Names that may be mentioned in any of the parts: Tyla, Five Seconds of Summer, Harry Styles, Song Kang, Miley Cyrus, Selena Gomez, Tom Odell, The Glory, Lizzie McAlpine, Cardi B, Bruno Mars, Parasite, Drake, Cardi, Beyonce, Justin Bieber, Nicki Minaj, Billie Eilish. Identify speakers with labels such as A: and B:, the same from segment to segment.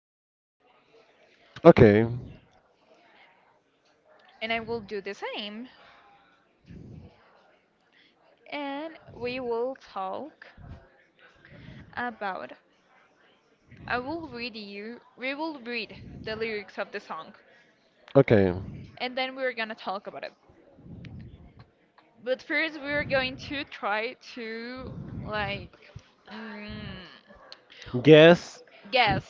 A: to.
B: Okay.
A: And I will do the same. And we will talk about. I will read you we will read the lyrics of the song.
B: Okay.
A: And then we're gonna talk about it. But first we're going to try to like, mm,
B: Guess.
A: guess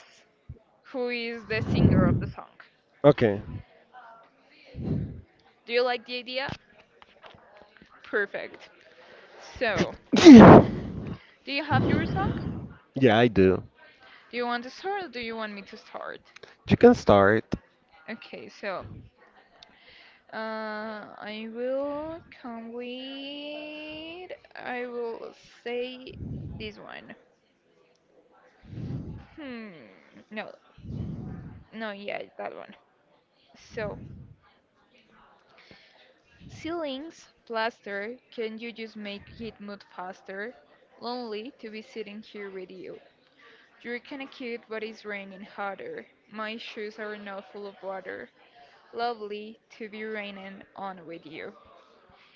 A: who is the singer of the song.
B: Okay.
A: Do you like the idea? Perfect. So, do you have your song?
B: Yeah, I do.
A: Do you want to start or do you want me to start?
B: You can start.
A: Okay, so uh, I will come with. I will say this one. Hmm. No, no, yeah, that one. So, ceilings, plaster. Can you just make it move faster? Lonely to be sitting here with you. You're kinda cute, but it's raining harder. My shoes are now full of water. Lovely to be raining on with you.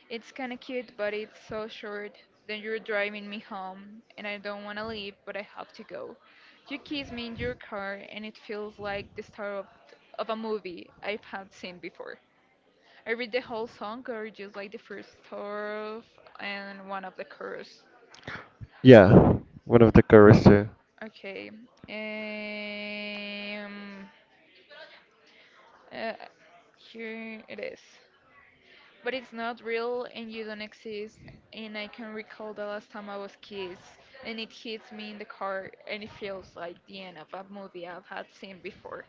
A: It's kinda cute, but it's so short. Then you're driving me home, and I don't wanna leave, but I have to go. You kiss me in your car, and it feels like the start of a movie I have had seen before. I read the whole song, or just like the first strophe and one of the chorus.
B: Yeah, one of the covers too.
A: Okay. Um, uh, here it is. But it's not real and you don't exist. And I can recall the last time I was kissed, and it hits me in the car, and it feels like the end of a movie I've had seen before.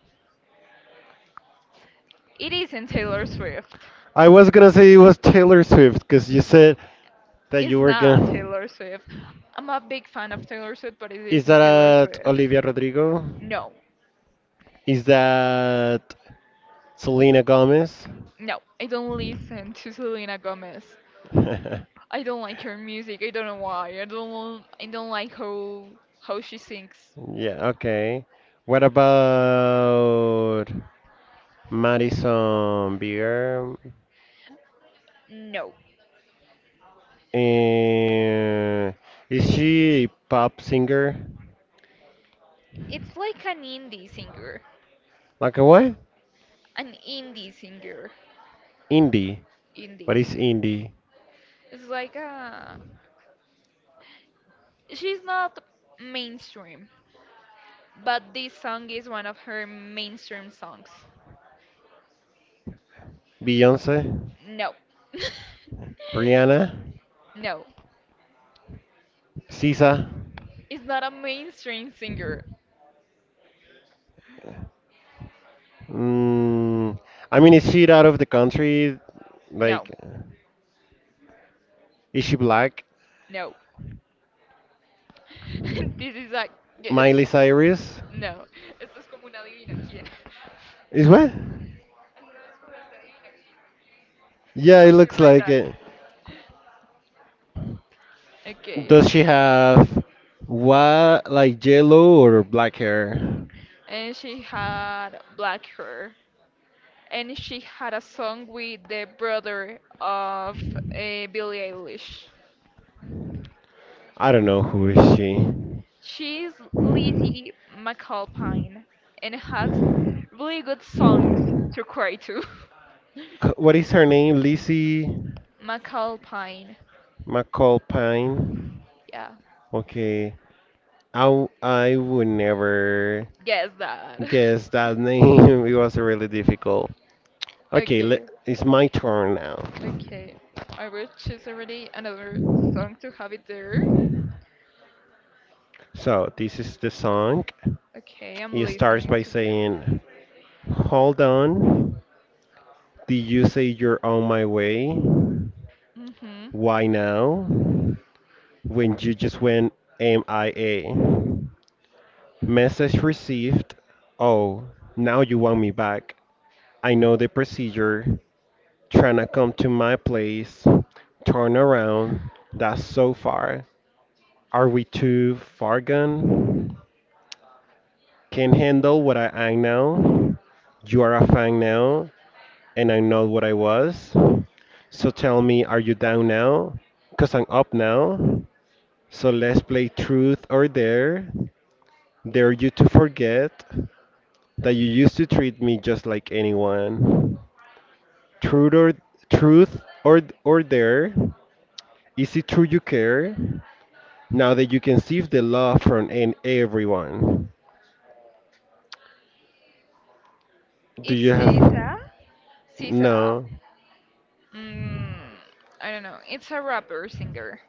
A: It isn't Taylor Swift.
B: I was gonna say it was Taylor Swift because you said that you
A: It's
B: were
A: not
B: gonna.
A: Taylor Swift. I'm a big fan of Taylor Swift, but it
B: Is
A: isn't Taylor
B: that
A: Swift.
B: Olivia Rodrigo?
A: No,
B: Is that Selena Gomez?
A: no, I don't listen to Selena Gomez. I don't like her music. I don't know why. I don't. I don't like how she sings.
B: Yeah, okay. What about Madison Beer?
A: No,
B: And is she a pop singer?
A: it's like an indie singer.
B: Like a what?
A: an indie singer.
B: Indie. What
A: Indie.
B: is indie?
A: It's like she's not mainstream, but this song is one of her mainstream songs.
B: Beyonce?
A: No.
B: Rihanna?
A: No.
B: SZA?
A: It's not a mainstream singer.
B: Mm, I mean, is she out of the country? Like,
A: No.
B: is she black?
A: No. This is like yes.
B: Miley Cyrus?
A: No. Esto es como una adivina quién.
B: Is what?
A: ¿Alguna vez jugaste a adivina quién?
B: Yeah, it
A: Something
B: looks
A: like
B: like
A: that.
B: it.
A: Okay.
B: Does she have what, like yellow or black hair?
A: And she had black hair, and she had a song with the brother of Billie Eilish.
B: I don't know who is she.
A: She's Lizzie McAlpine and has really good songs to cry to.
B: What is her name? Lizzie?
A: McAlpine,
B: McAlpine.
A: yeah,
B: Okay. I would never
A: guess that.
B: guess that name. It was really difficult. Okay,
A: Okay,
B: it's my turn now.
A: okay. I will choose already another song to have it there.
B: So, this is the song.
A: Okay, I'm
B: It starts
A: listening
B: by
A: to you.
B: saying, hold on. Did you say you're on my way?
A: Mhm.
B: Why now? When you just went MIA. Message received. Oh, now you want me back. I know the procedure. Trying to come to my place, turn around. That's so far. Are we too far gone? Can handle what I am now. You are a fan now, and I'm not what I was. So tell me, are you down now? Cause I'm up now. So let's play truth or dare. Dare you to forget that you used to treat me just like anyone. Truth or truth or dare. Is it true you care? Now that you can see the love from an everyone, do you
A: It's
B: have?
A: Sisa. Sisa.
B: No,
A: Mm, I don't know. It's a rapper singer.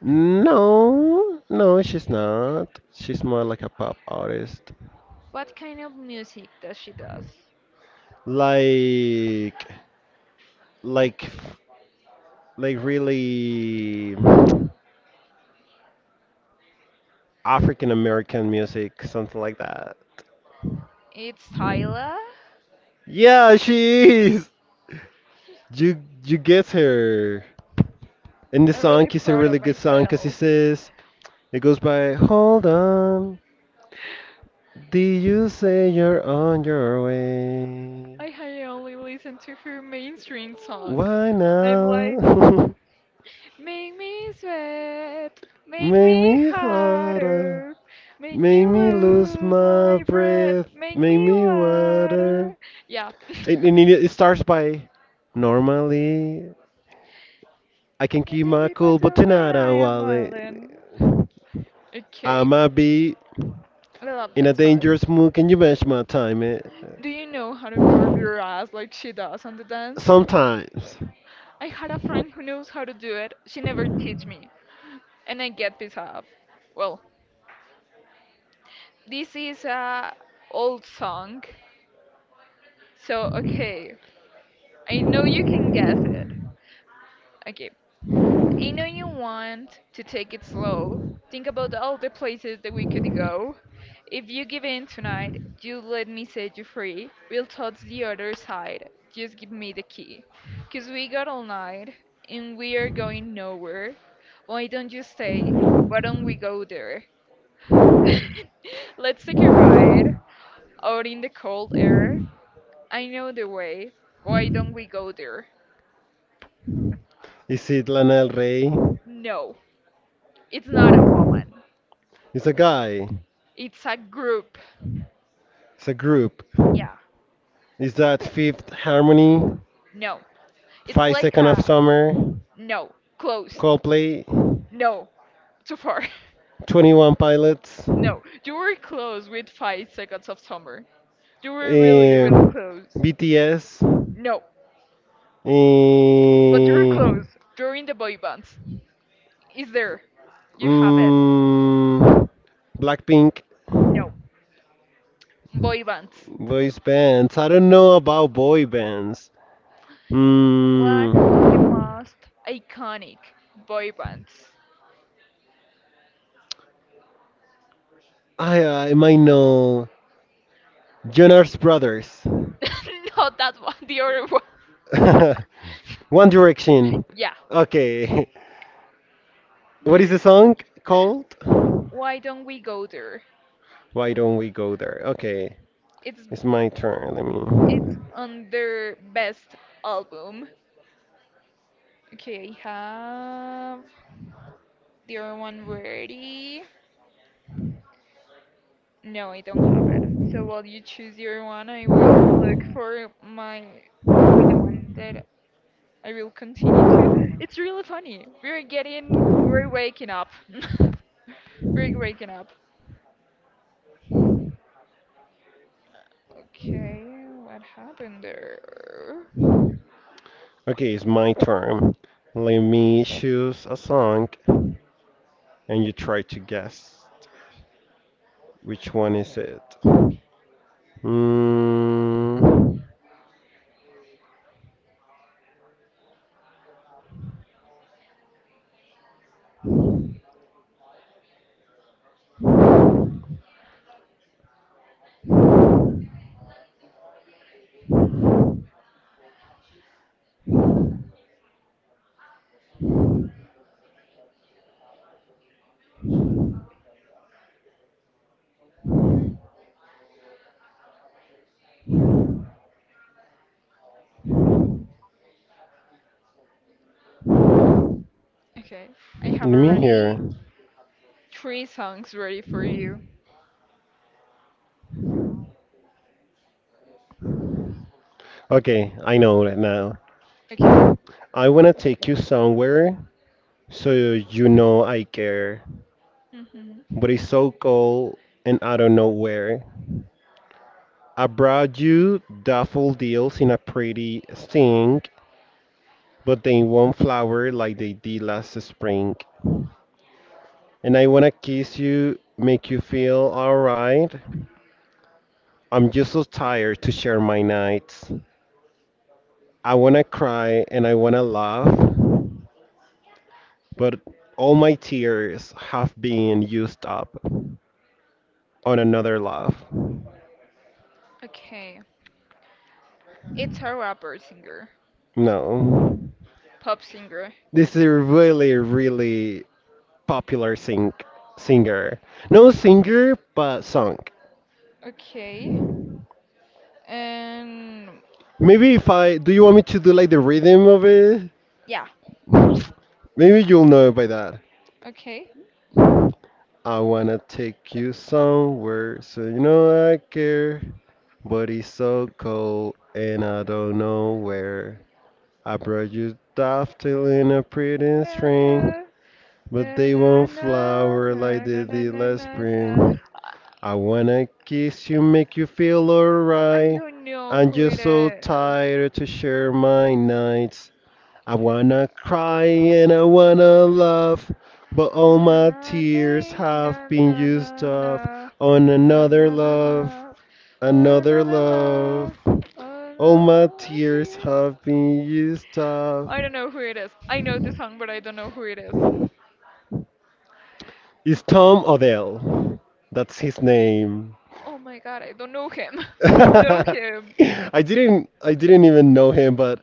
B: no, no. She's not. She's more like a pop artist.
A: What kind of music does she does?
B: Like, like, like, really African American music, something like that.
A: It's Tyla.
B: Yeah, she is. You get her. And the
A: I'm
B: song
A: really
B: is a
A: proud of
B: really good song because it
A: myself.
B: says it goes by, "Hold on, did you say you're on your way?
A: I had only listen to her mainstream songs.
B: Why
A: I'm like,
B: now?"
A: make me sweat, make
B: Make
A: me
B: me harder.
A: hotter, make me
B: Make me lose
A: lose
B: my
A: my breath,
B: breath.
A: make
B: Make
A: me
B: me
A: water.
B: water.
A: Yeah.
B: And it starts by normally. I can
A: And
B: keep
A: then
B: my
A: it
B: cool, but
A: myself, and
B: tonight I
A: I am
B: will.
A: Marlon.
B: I
A: Okay,
B: might be
A: I love
B: in a
A: that song.
B: dangerous mood. Can you match my time? Eh?
A: Do you know how to move your ass like she does on the dance?
B: Sometimes.
A: I had a friend who knows how to do it. She never teach me, and I get pissed off. Well, this is a old song, so okay. I know you can guess it. Okay, I know you want to take it slow. Think about all the places that we could go. If you give in tonight, you let me set you free. We'll touch the other side. Just give me the key. 'Cause we got all night, and we are going nowhere. Why don't you stay? Why don't we go there? Let's take a ride out in the cold air. I know the way. Why don't we go there?
B: Is it Lana Del Rey?
A: No, it's not a woman.
B: It's a guy.
A: It's a group.
B: It's a group.
A: Yeah,
B: Is that Fifth Harmony,
A: no. It's
B: Five
A: like
B: Second of
A: a,
B: Summer,
A: no, close.
B: Coldplay,
A: No, too far.
B: Twenty One Pilots,
A: No, you were close with 5 Seconds of Summer. You were really,
B: eh,
A: really close.
B: BTS,
A: No, but you were
B: eh,
A: close. You're in the boy bands. Is there? You have it.
B: mm, Blackpink,
A: No, boy bands.
B: boys bands. I don't know about boy bands.
A: One of the
B: Mm,
A: most iconic boy bands.
B: I might know Jonas Brothers,
A: Not that one, the other
B: One
A: one.
B: Direction.
A: Yeah.
B: Okay, what is the song called?
A: Why don't we go there?
B: Why don't we go there? Okay,
A: It's
B: it's my turn. Let me.
A: It's on their best album. Okay, I have the other one ready. No, I don't have it. So while you choose your one, I will look for my for the one that I will continue to. It's really funny. We're waking up. We're waking up. Okay, what happened there?
B: Okay, it's my turn. Let me choose a song and you try to guess which one is it. Mm,
A: Okay, I have
B: let me hear.
A: already three songs ready for you.
B: Okay, I know it now.
A: Okay.
B: I wanna take you somewhere so you know I care,
A: hmm
B: but it's so cold and I don't know where. I brought you daffodils in a pretty sting, but in one flower like they did last spring. And I wanna kiss you, make you feel alright. I'm just so tired to share my nights. I wanna cry and I wanna laugh, but all my tears have been used up on another laugh.
A: Okay. It's a rapper singer,
B: No.
A: pop singer.
B: This is a really, really popular singer. No singer, but song.
A: Okay. And,
B: Maybe if I do you want me to do like the rhythm of it?
A: yeah.
B: Maybe you'll know it by that.
A: Okay.
B: I wanna take you somewhere, so you know I care. But it's so cold, and I don't know where. I brought you daffodil in a pretty
A: Na na
B: string,
A: na
B: but they
A: na na
B: won't flower like
A: na na
B: they
A: na
B: did
A: na
B: last
A: na na.
B: spring.
A: I
B: I wanna kiss you, make you feel
A: I
B: alright.
A: don't know
B: I'm
A: who it
B: just so
A: is.
B: tired to share my nights. I wanna cry and I wanna laugh, but
A: Na
B: all
A: na
B: my
A: na
B: tears
A: na
B: have been
A: na na na
B: used up
A: na
B: on
A: na na
B: another
A: na na.
B: love, another
A: Another
B: love.
A: love,
B: All my
A: another
B: tears
A: tears.
B: have been used up.
A: I don't know who it is. I know the song, but I don't know who it is.
B: It's Tom Odell. That's his name.
A: Oh my god, I don't know him. I don't know him.
B: I didn't even know him, but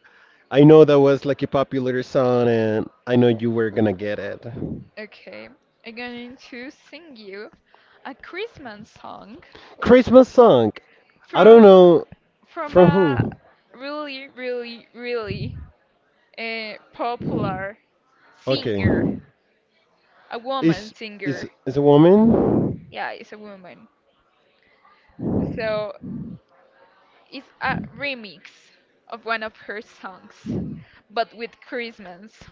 B: I know that was like a popular song and I know you were gonna get it.
A: Okay, I'm going to sing you a Christmas song
B: Christmas song. I don't
A: from
B: know
A: from
B: from
A: a
B: who.
A: really, really, really popular
B: Okay.
A: singer, a woman
B: Is is
A: singer.
B: is a woman?
A: Yeah, it's a woman. So it's a remix of one of her songs, but with Christmas.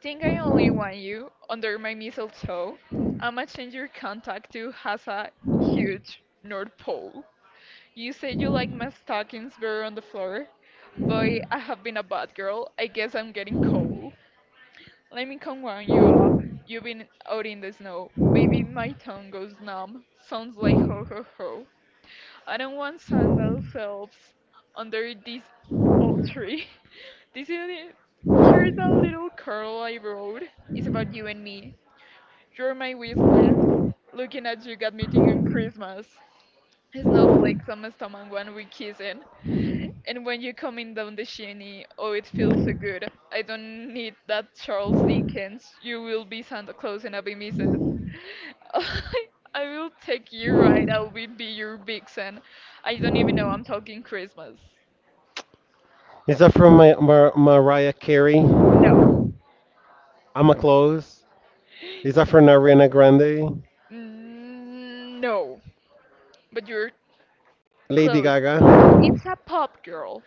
A: Think I only want you under my mistletoe. I'ma change your contact to has a huge North Pole. You said you like my stockings bare on the floor. Boy, I have been a bad girl. I guess I'm getting cold. Let me come warm you up. You've been out in the snow. Baby, my tongue goes numb. Sounds like ho ho ho. I don't want sandal selves under this old tree. This is it. Here's a little curl I wrote. It's about you and me. You're my Whistler. Looking at you got me thinking Christmas. Snowflakes on my stomach when we kissing. And when you coming down the chimney, oh, it feels so good. I don't need that Charles Dickens. You will be Santa Claus and I'll be Mrs. I will take you right. I will be your vixen. I don't even know I'm talking Christmas.
B: Is that from my, Mariah Carey?
A: No.
B: I'm a close. Is that from Ariana Grande?
A: Mm, no. But you're
B: Lady
A: close.
B: Gaga.
A: It's a pop girl.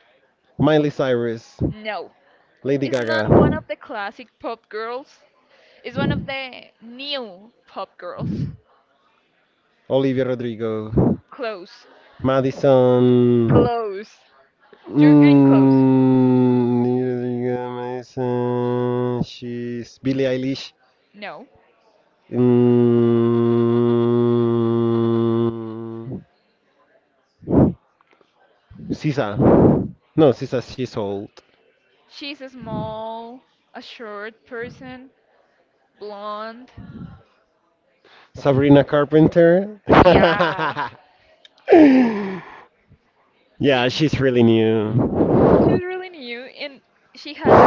B: Miley Cyrus.
A: No.
B: Lady
A: It's not
B: Gaga.
A: one of the classic pop girls. It's one of the new pop girls.
B: Olivia Rodrigo.
A: Close.
B: Madison.
A: Close. You're getting close.
B: Madison. She's Billie Eilish.
A: No.
B: Mm, Sisa. No, Sisa, she's old.
A: She's a small, a short person, blonde.
B: Sabrina Carpenter.
A: Yeah.
B: Yeah,
A: She's
B: she's really new.
A: really new and she had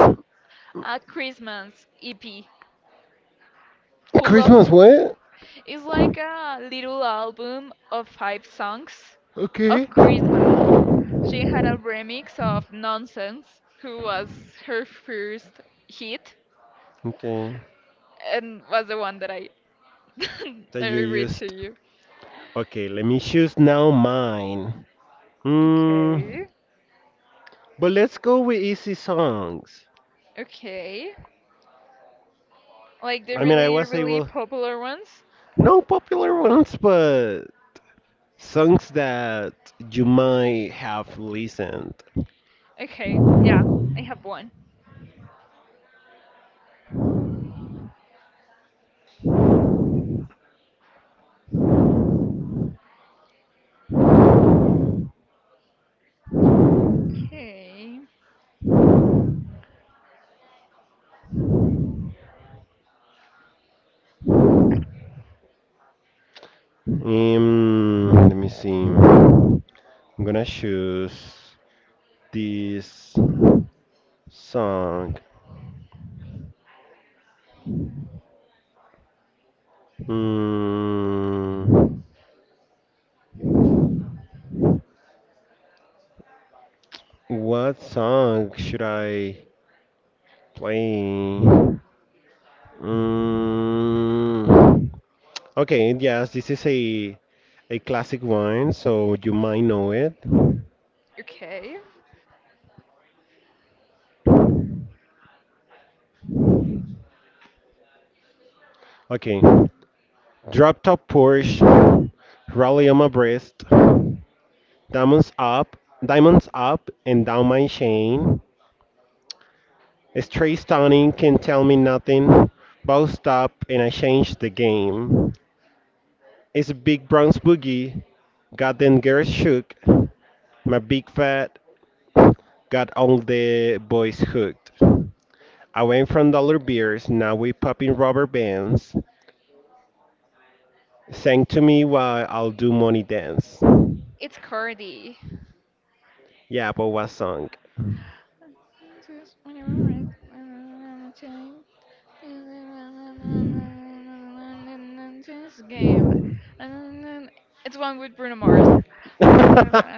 A: a Christmas EP full of
B: Christmas, what?
A: it's like a little album of five songs of
B: Okay.
A: Christmas. She had a remix of Nonsense, who was her first hit,
B: Okay.
A: and was the one that I
B: That
A: that I
B: you
A: read to
B: used.
A: you.
B: Okay, let me choose now mine. Hmm,
A: Okay.
B: but let's go with easy songs.
A: Okay. Like the
B: I mean, I
A: really,
B: was
A: really
B: able.
A: popular ones?
B: No popular ones, but songs that you might have listened.
A: Okay. Yeah, I have one. Okay.
B: Let me see. I'm gonna choose this song. Mm, what song should I play? Mm, okay, yes, this is a classic one, so you might know it.
A: Okay.
B: Okay, drop top Porsche, rally on my breast. Diamonds up, diamonds up and down my chain. Straight stunning can tell me nothing. Ball stop and I changed the game. It's a big bronze boogie. Got them girls shook. My big fat got all the boys hooked. I went from dollar beers, now we popping rubber bands. Sing to me while I'll do money dance.
A: It's Cardi.
B: Yeah, but what song?
A: This is when I was- This game. It's one with Bruno Mars.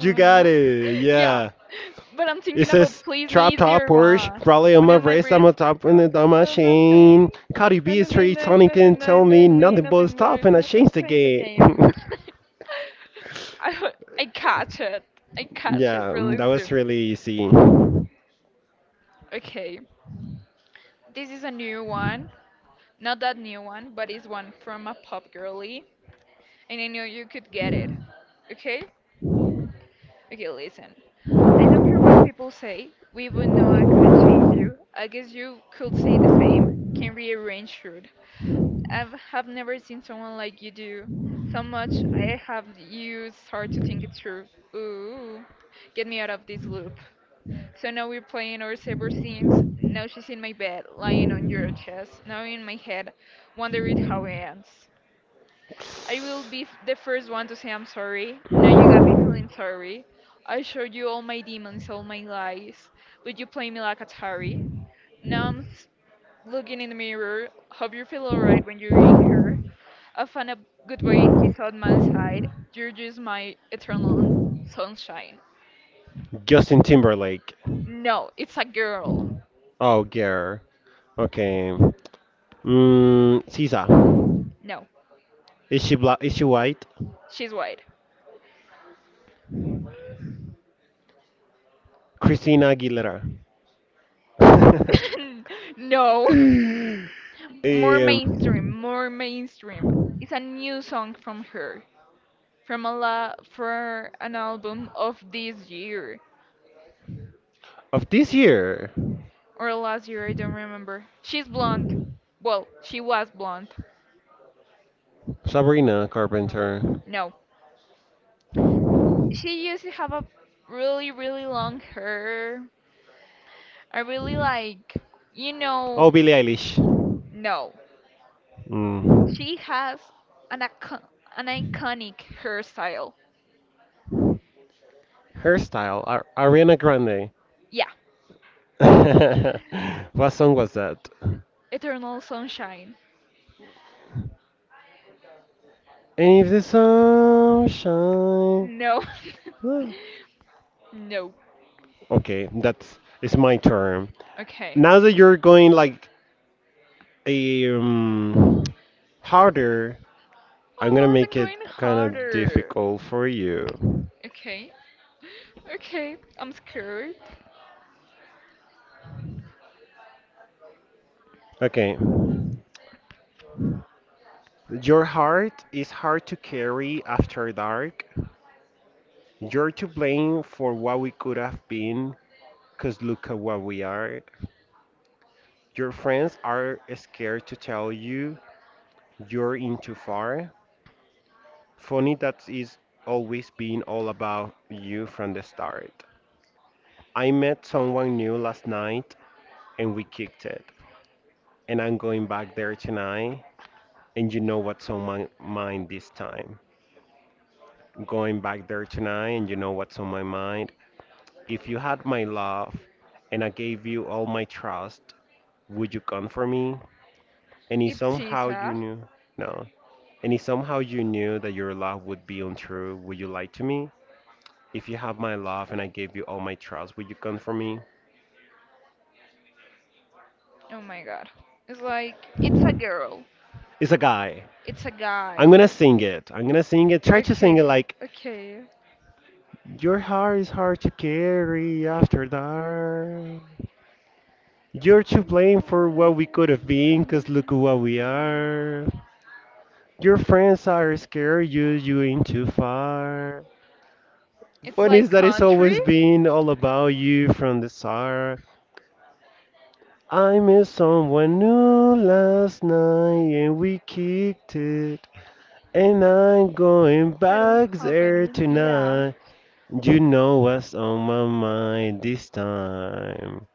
B: You got it.
A: Yeah,
B: Yeah.
A: but I'm
B: It
A: thinking about
B: says
A: Please
B: drop
A: Me,
B: top
A: Dear
B: Porsche,
A: One.
B: Raleigh on
A: One
B: my
A: of my
B: wrist, I'm
A: breeds.
B: on top and
A: The
B: the on machine. Chain. Cardi B is straight, Sonic can tell me nothing but stop and I changed the game.
A: game. I, I catch it. I catch it
B: Yeah,
A: really
B: that was
A: soon.
B: really easy.
A: Okay. This is a new one. Not that new one, but it's one from a pop girly, and I knew you could get it. Okay? Okay, listen. I don't care what people say. We both know I couldn't change you. I guess you could say the same. Can rearrange should. I have never seen someone like you do. So much I have you start to think it through. Ooh. Get me out of this loop. So now we're playing our separate scenes. Now she's in my bed, lying on your chest. Now in my head, wondering how it ends. I will be the first one to say I'm sorry. Now you got me feeling sorry. I showed you all my demons, all my lies, but you play me like Atari. Now I'm looking in the mirror. Hope you feel alright when you're in here. I found a good boy and he's on my side. You're just my eternal sunshine.
B: Justin Timberlake.
A: No, it's a girl.
B: Oh, girl. Okay. Sisa.
A: No,
B: Is she black? Is she white?
A: she's white.
B: Christina Aguilera.
A: No. More mainstream,
B: um,
A: more mainstream. It's a new song from her, from a la for an album of this year
B: of this year,
A: or last year, I don't remember. She's blonde. Well, she was blonde.
B: Sabrina Carpenter.
A: No, she used to have a really really long hair. I really like, you
B: Oh,
A: know,
B: Billie Eilish.
A: no.
B: Mm.
A: She has an icon- an iconic hairstyle.
B: Hairstyle, Ariana Grande.
A: Yeah.
B: What song was that?
A: Eternal Sunshine.
B: If the sun shine.
A: No.
B: Oh,
A: No.
B: okay, that's it's my turn.
A: Okay.
B: Now that you're going like a harder,
A: I
B: I'm gonna
A: wasn't
B: make it
A: going
B: kind of
A: harder.
B: difficult for you.
A: Okay. Okay, I'm scared.
B: Okay, your heart is hard to carry after dark. You're to blame for what we could have been, 'cause look at what we are. Your friends are scared to tell you you're in too far. Funny that is always been all about you from the start. I met someone new last night and we kicked it. And I'm going back there tonight. And you know what's on my mind this time. Going back there tonight and you know what's on my mind. If you had my love and I gave you all my trust, would you come for me? And if
A: It's
B: somehow you
A: Sisa.
B: knew, no. And if somehow you knew that your love would be untrue, would you lie to me? If you have my love and I gave you all my trust, would you come for me?
A: Oh my god. It's like, it's a girl.
B: It's a guy.
A: It's a
B: I'm
A: guy.
B: gonna sing it. I'm gonna sing it. Try to sing it
A: Okay,
B: like
A: okay.
B: your heart is hard to carry after dark. You're to blame for what we could have been, 'cause look what we are. Your friends are scared you ain't too far.
A: It's
B: One
A: like
B: is that it's
A: country?
B: always been all about you from the start. I met someone new last night and we kicked it. And I'm going
A: I don't
B: back
A: have
B: there
A: any idea.
B: tonight. You know what's on my mind this time.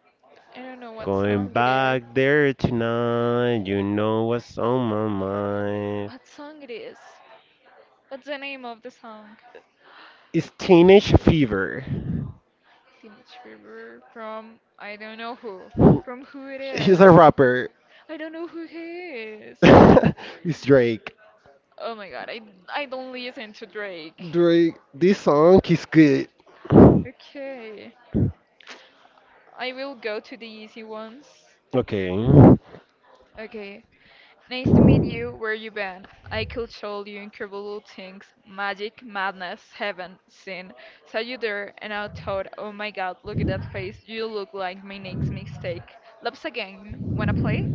A: I don't know what
B: Going
A: song it is.
B: back there tonight. You know what's on my mind.
A: What song it is? What's the name of the song?
B: It's Teenage Fever.
A: Teenage River from I don't know who. From who it
B: He's
A: is?
B: a rapper.
A: I don't know who he is.
B: It's Drake.
A: Oh my god, I don't listen to Drake.
B: Drake, this song is good.
A: Okay. I will go to the easy ones.
B: Okay.
A: Okay. Nice to meet you. Where you been? I could show you incredible things. Magic, madness, heaven, sin. Saw you there and I thought, oh my god, look at that face. You look like my next mistake. Loves a game. Wanna play?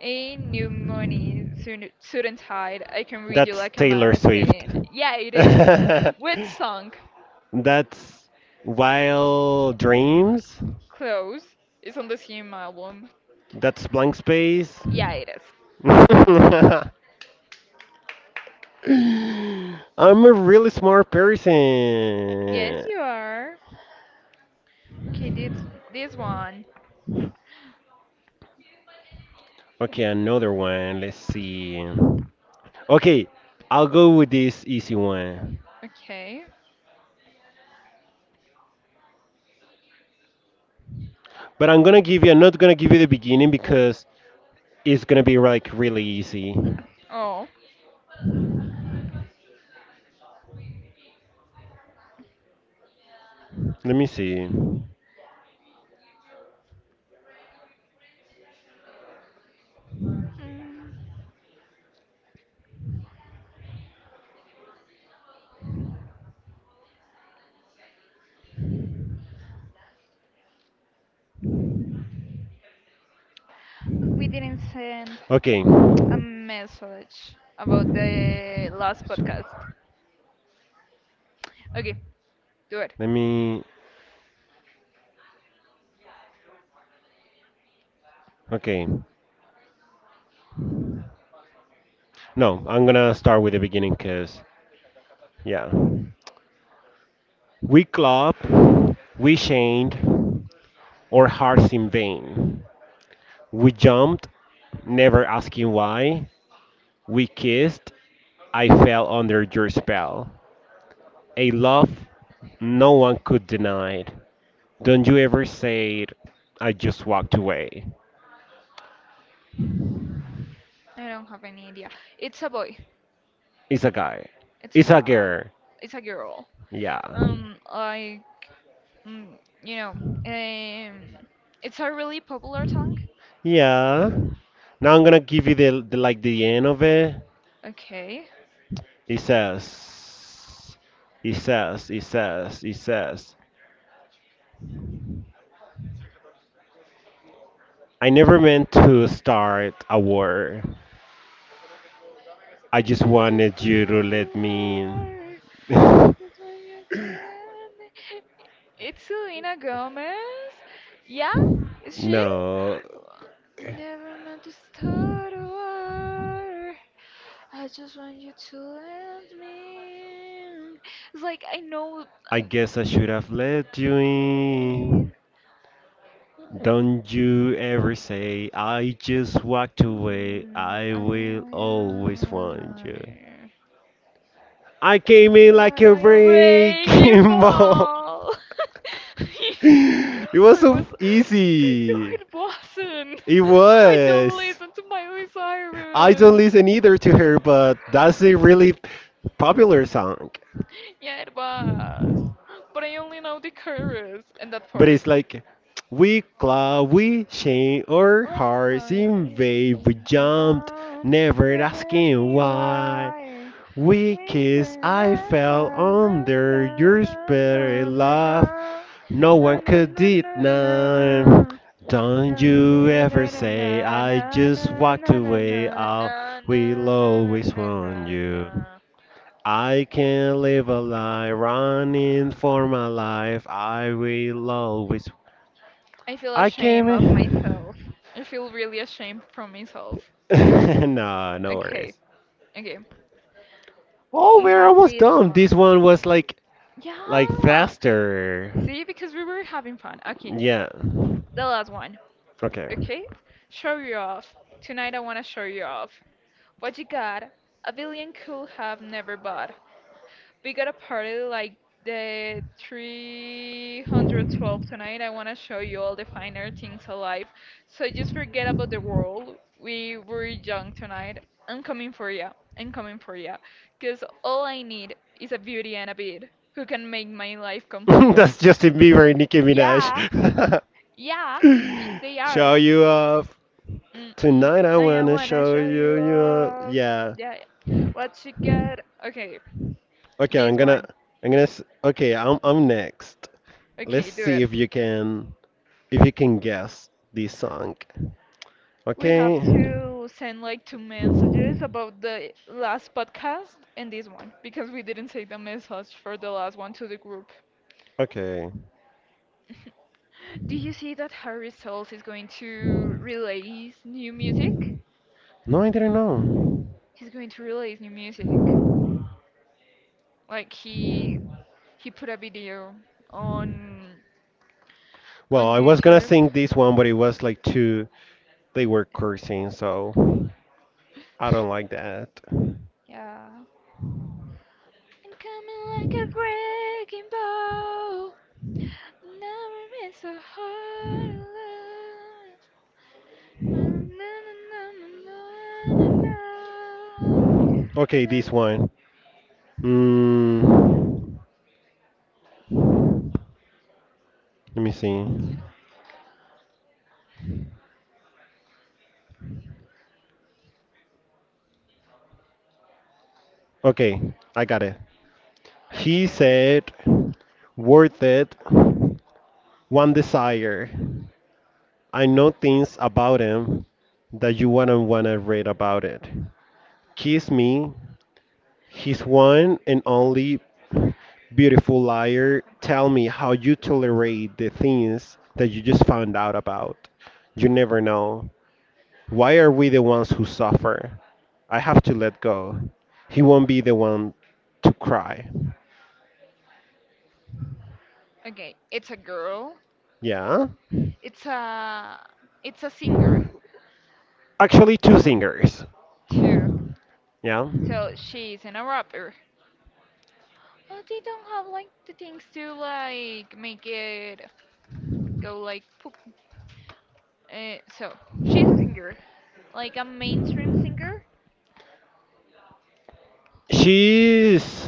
A: A new money soon, soon tide. I can read you
B: That's
A: like a
B: Taylor Swift.
A: magazine. Yeah, it is. Which song?
B: That's Wild Dreams.
A: Close. It's on the same album.
B: That's blank space.
A: Yeah, it is.
B: I'm a really smart
A: Yes,
B: person.
A: you are. Okay, this one.
B: Okay, another one. Let's see. Okay, I'll go with this easy one.
A: Okay.
B: But I'm gonna give you, I'm not gonna give you the beginning because it's gonna be like really easy.
A: Oh,
B: Let me see.
A: mm, we didn't send
B: Okay,
A: a
B: let
A: message about the last podcast. Okay, do it.
B: me. Okay, no, I'm gonna start with the beginning because, yeah. We club, we chained, our hearts in vain. We jumped, never asking why. We kissed. I fell under your spell. A love no one could deny. It. Don't you ever say it. I just walked away.
A: I don't have any idea. It's a boy.
B: It's a guy.
A: It's a
B: It's a
A: guy.
B: girl.
A: It's a girl.
B: Yeah.
A: I, mm, you know, um, it's a really popular song.
B: Yeah. Now I'm gonna give you the like the end of it.
A: Okay.
B: It says it says I never meant to start a war. I just
A: I'm just
B: wanted
A: a
B: you to let me in.
A: little It's Selena Gomez. Yeah, is she?
B: No,
A: I never meant to start a war. I just want you to let me. It's like I know.
B: I
A: I'm
B: guess I should have let you in.
A: feeling.
B: Don't you ever say I just walked away.
A: Mm,
B: I will
A: I
B: always want you.
A: will.
B: I came in like
A: I
B: a
A: like a wrecking
B: wrecking ball.
A: ball.
B: It was
A: I
B: so
A: was. No,
B: easy.
A: it wasn't.
B: It
A: I don't
B: was.
A: listen to Miley
B: I don't
A: Cyrus.
B: listen either to her, but that's a really popular song.
A: Yeah, it was. But I only know the chorus and that
B: But
A: part.
B: it's like we claw, we chain our
A: Right,
B: hearts
A: chorus. I
B: in
A: hate to
B: vain. We
A: dance with
B: jumped,
A: them.
B: never
A: Never
B: asking
A: asking
B: why.
A: why.
B: We
A: We
B: kissed, I
A: na
B: fell
A: na na
B: under your
A: na na
B: spirit
A: na na
B: love.
A: na
B: No
A: na
B: one
A: na na
B: could
A: na. Na na na na
B: deny. Don't you
A: na
B: ever
A: na
B: say
A: na
B: I
A: na na
B: just walked
A: na na na
B: away. I'll
A: na na
B: will always
A: na
B: want
A: na.
B: you. I can live a lie running for my life. I will always
A: I feel
B: I came
A: ashamed of
B: in.
A: myself. I feel really ashamed from myself.
B: No, no
A: Okay,
B: worries.
A: okay.
B: Oh,
A: I
B: we're
A: have
B: almost
A: this
B: done.
A: one.
B: This one was like
A: Yeah.
B: faster.
A: See, because we were having fun. Okay,
B: Yeah.
A: the last one.
B: Okay.
A: Okay? Show you off. Tonight I wanna show you off. What you got? A billion could have never bought. We got a party like the 312 tonight. I wanna show you all the finer things alive. So just forget about the world. We were young tonight. I'm coming for ya. I'm coming for ya. Cause all I need is a beauty and a beat who can make my life complete.
B: That's Justin Bieber and Nicki
A: Yeah,
B: Minaj.
A: yeah, they
B: Show
A: are.
B: you up
A: Mm-mm.
B: tonight. I
A: Like I
B: wanna
A: wanna
B: show
A: show you
B: you up.
A: off.
B: Yeah.
A: Yeah. Yeah. What you got? Okay,
B: Okay,
A: this one.
B: I'm next. Let's
A: Okay, do
B: see
A: it.
B: if you can guess this song.
A: We have
B: Okay.
A: to send like two messages about the last podcast and this one because we didn't say the message for the last one to the group.
B: Okay.
A: Do you see that Harry Styles is going to release new music?
B: No, I didn't know.
A: He's going to release new music. Like he put a video on
B: Well,
A: on
B: I was gonna
A: YouTube.
B: sing this one, but it was like too they were cursing, so I don't like that.
A: Yeah. I'm coming like a breaking ball. Never been so hard to love. Na, na, na, na, na,
B: Okay,
A: na, na, na.
B: this
A: Na-
B: one. Mm, let me see. Okay, I got it. He
A: Okay.
B: said, worth it, one desire. I know things about him that you wouldn't want to read about it. Kiss me, he's one and only beautiful liar. Tell me how you tolerate the things that you just found out about. You never know. Why are we the ones who suffer? I have to let go. He won't be the one to cry.
A: Okay. It's a girl.
B: Yeah?
A: It's a it's a singer
B: Actually, two singers.
A: too.
B: Yeah?
A: So she's in a rapper. Oh, they don't have like the things to like make it go like poop. So she's a singer, like a mainstream singer.
B: She's.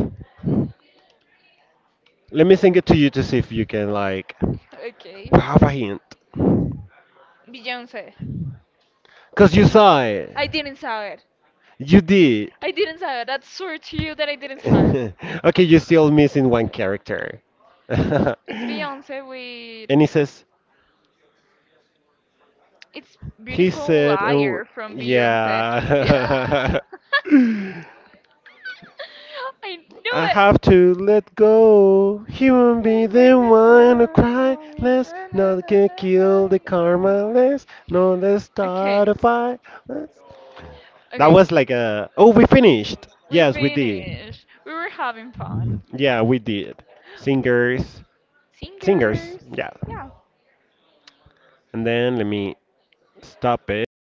B: Let me sing it to you to see if you can, like,
A: Okay.
B: have a hint.
A: Beyonce.
B: Because you saw it.
A: I didn't saber.
B: You did.
A: I didn't saber. That's swear to you that I didn't saber.
B: Okay, you're still missing one character. And
A: It's Beyonce with
B: he says,
A: it's
B: he
A: beautiful
B: said, and
A: liar from Beyonce.
B: yeah.
A: I knew
B: I
A: it.
B: have to let go. He won't be the one to cry less. Nothing can kill the karma less. No, let's start
A: Okay.
B: a fight. Let's... That
A: Okay.
B: was like a. Oh, we finished.
A: We
B: Yes, we did.
A: finished. We were having fun.
B: Yeah, we did. Singers. Singers.
A: Singers.
B: Yeah.
A: Yeah.
B: And then let me stop it.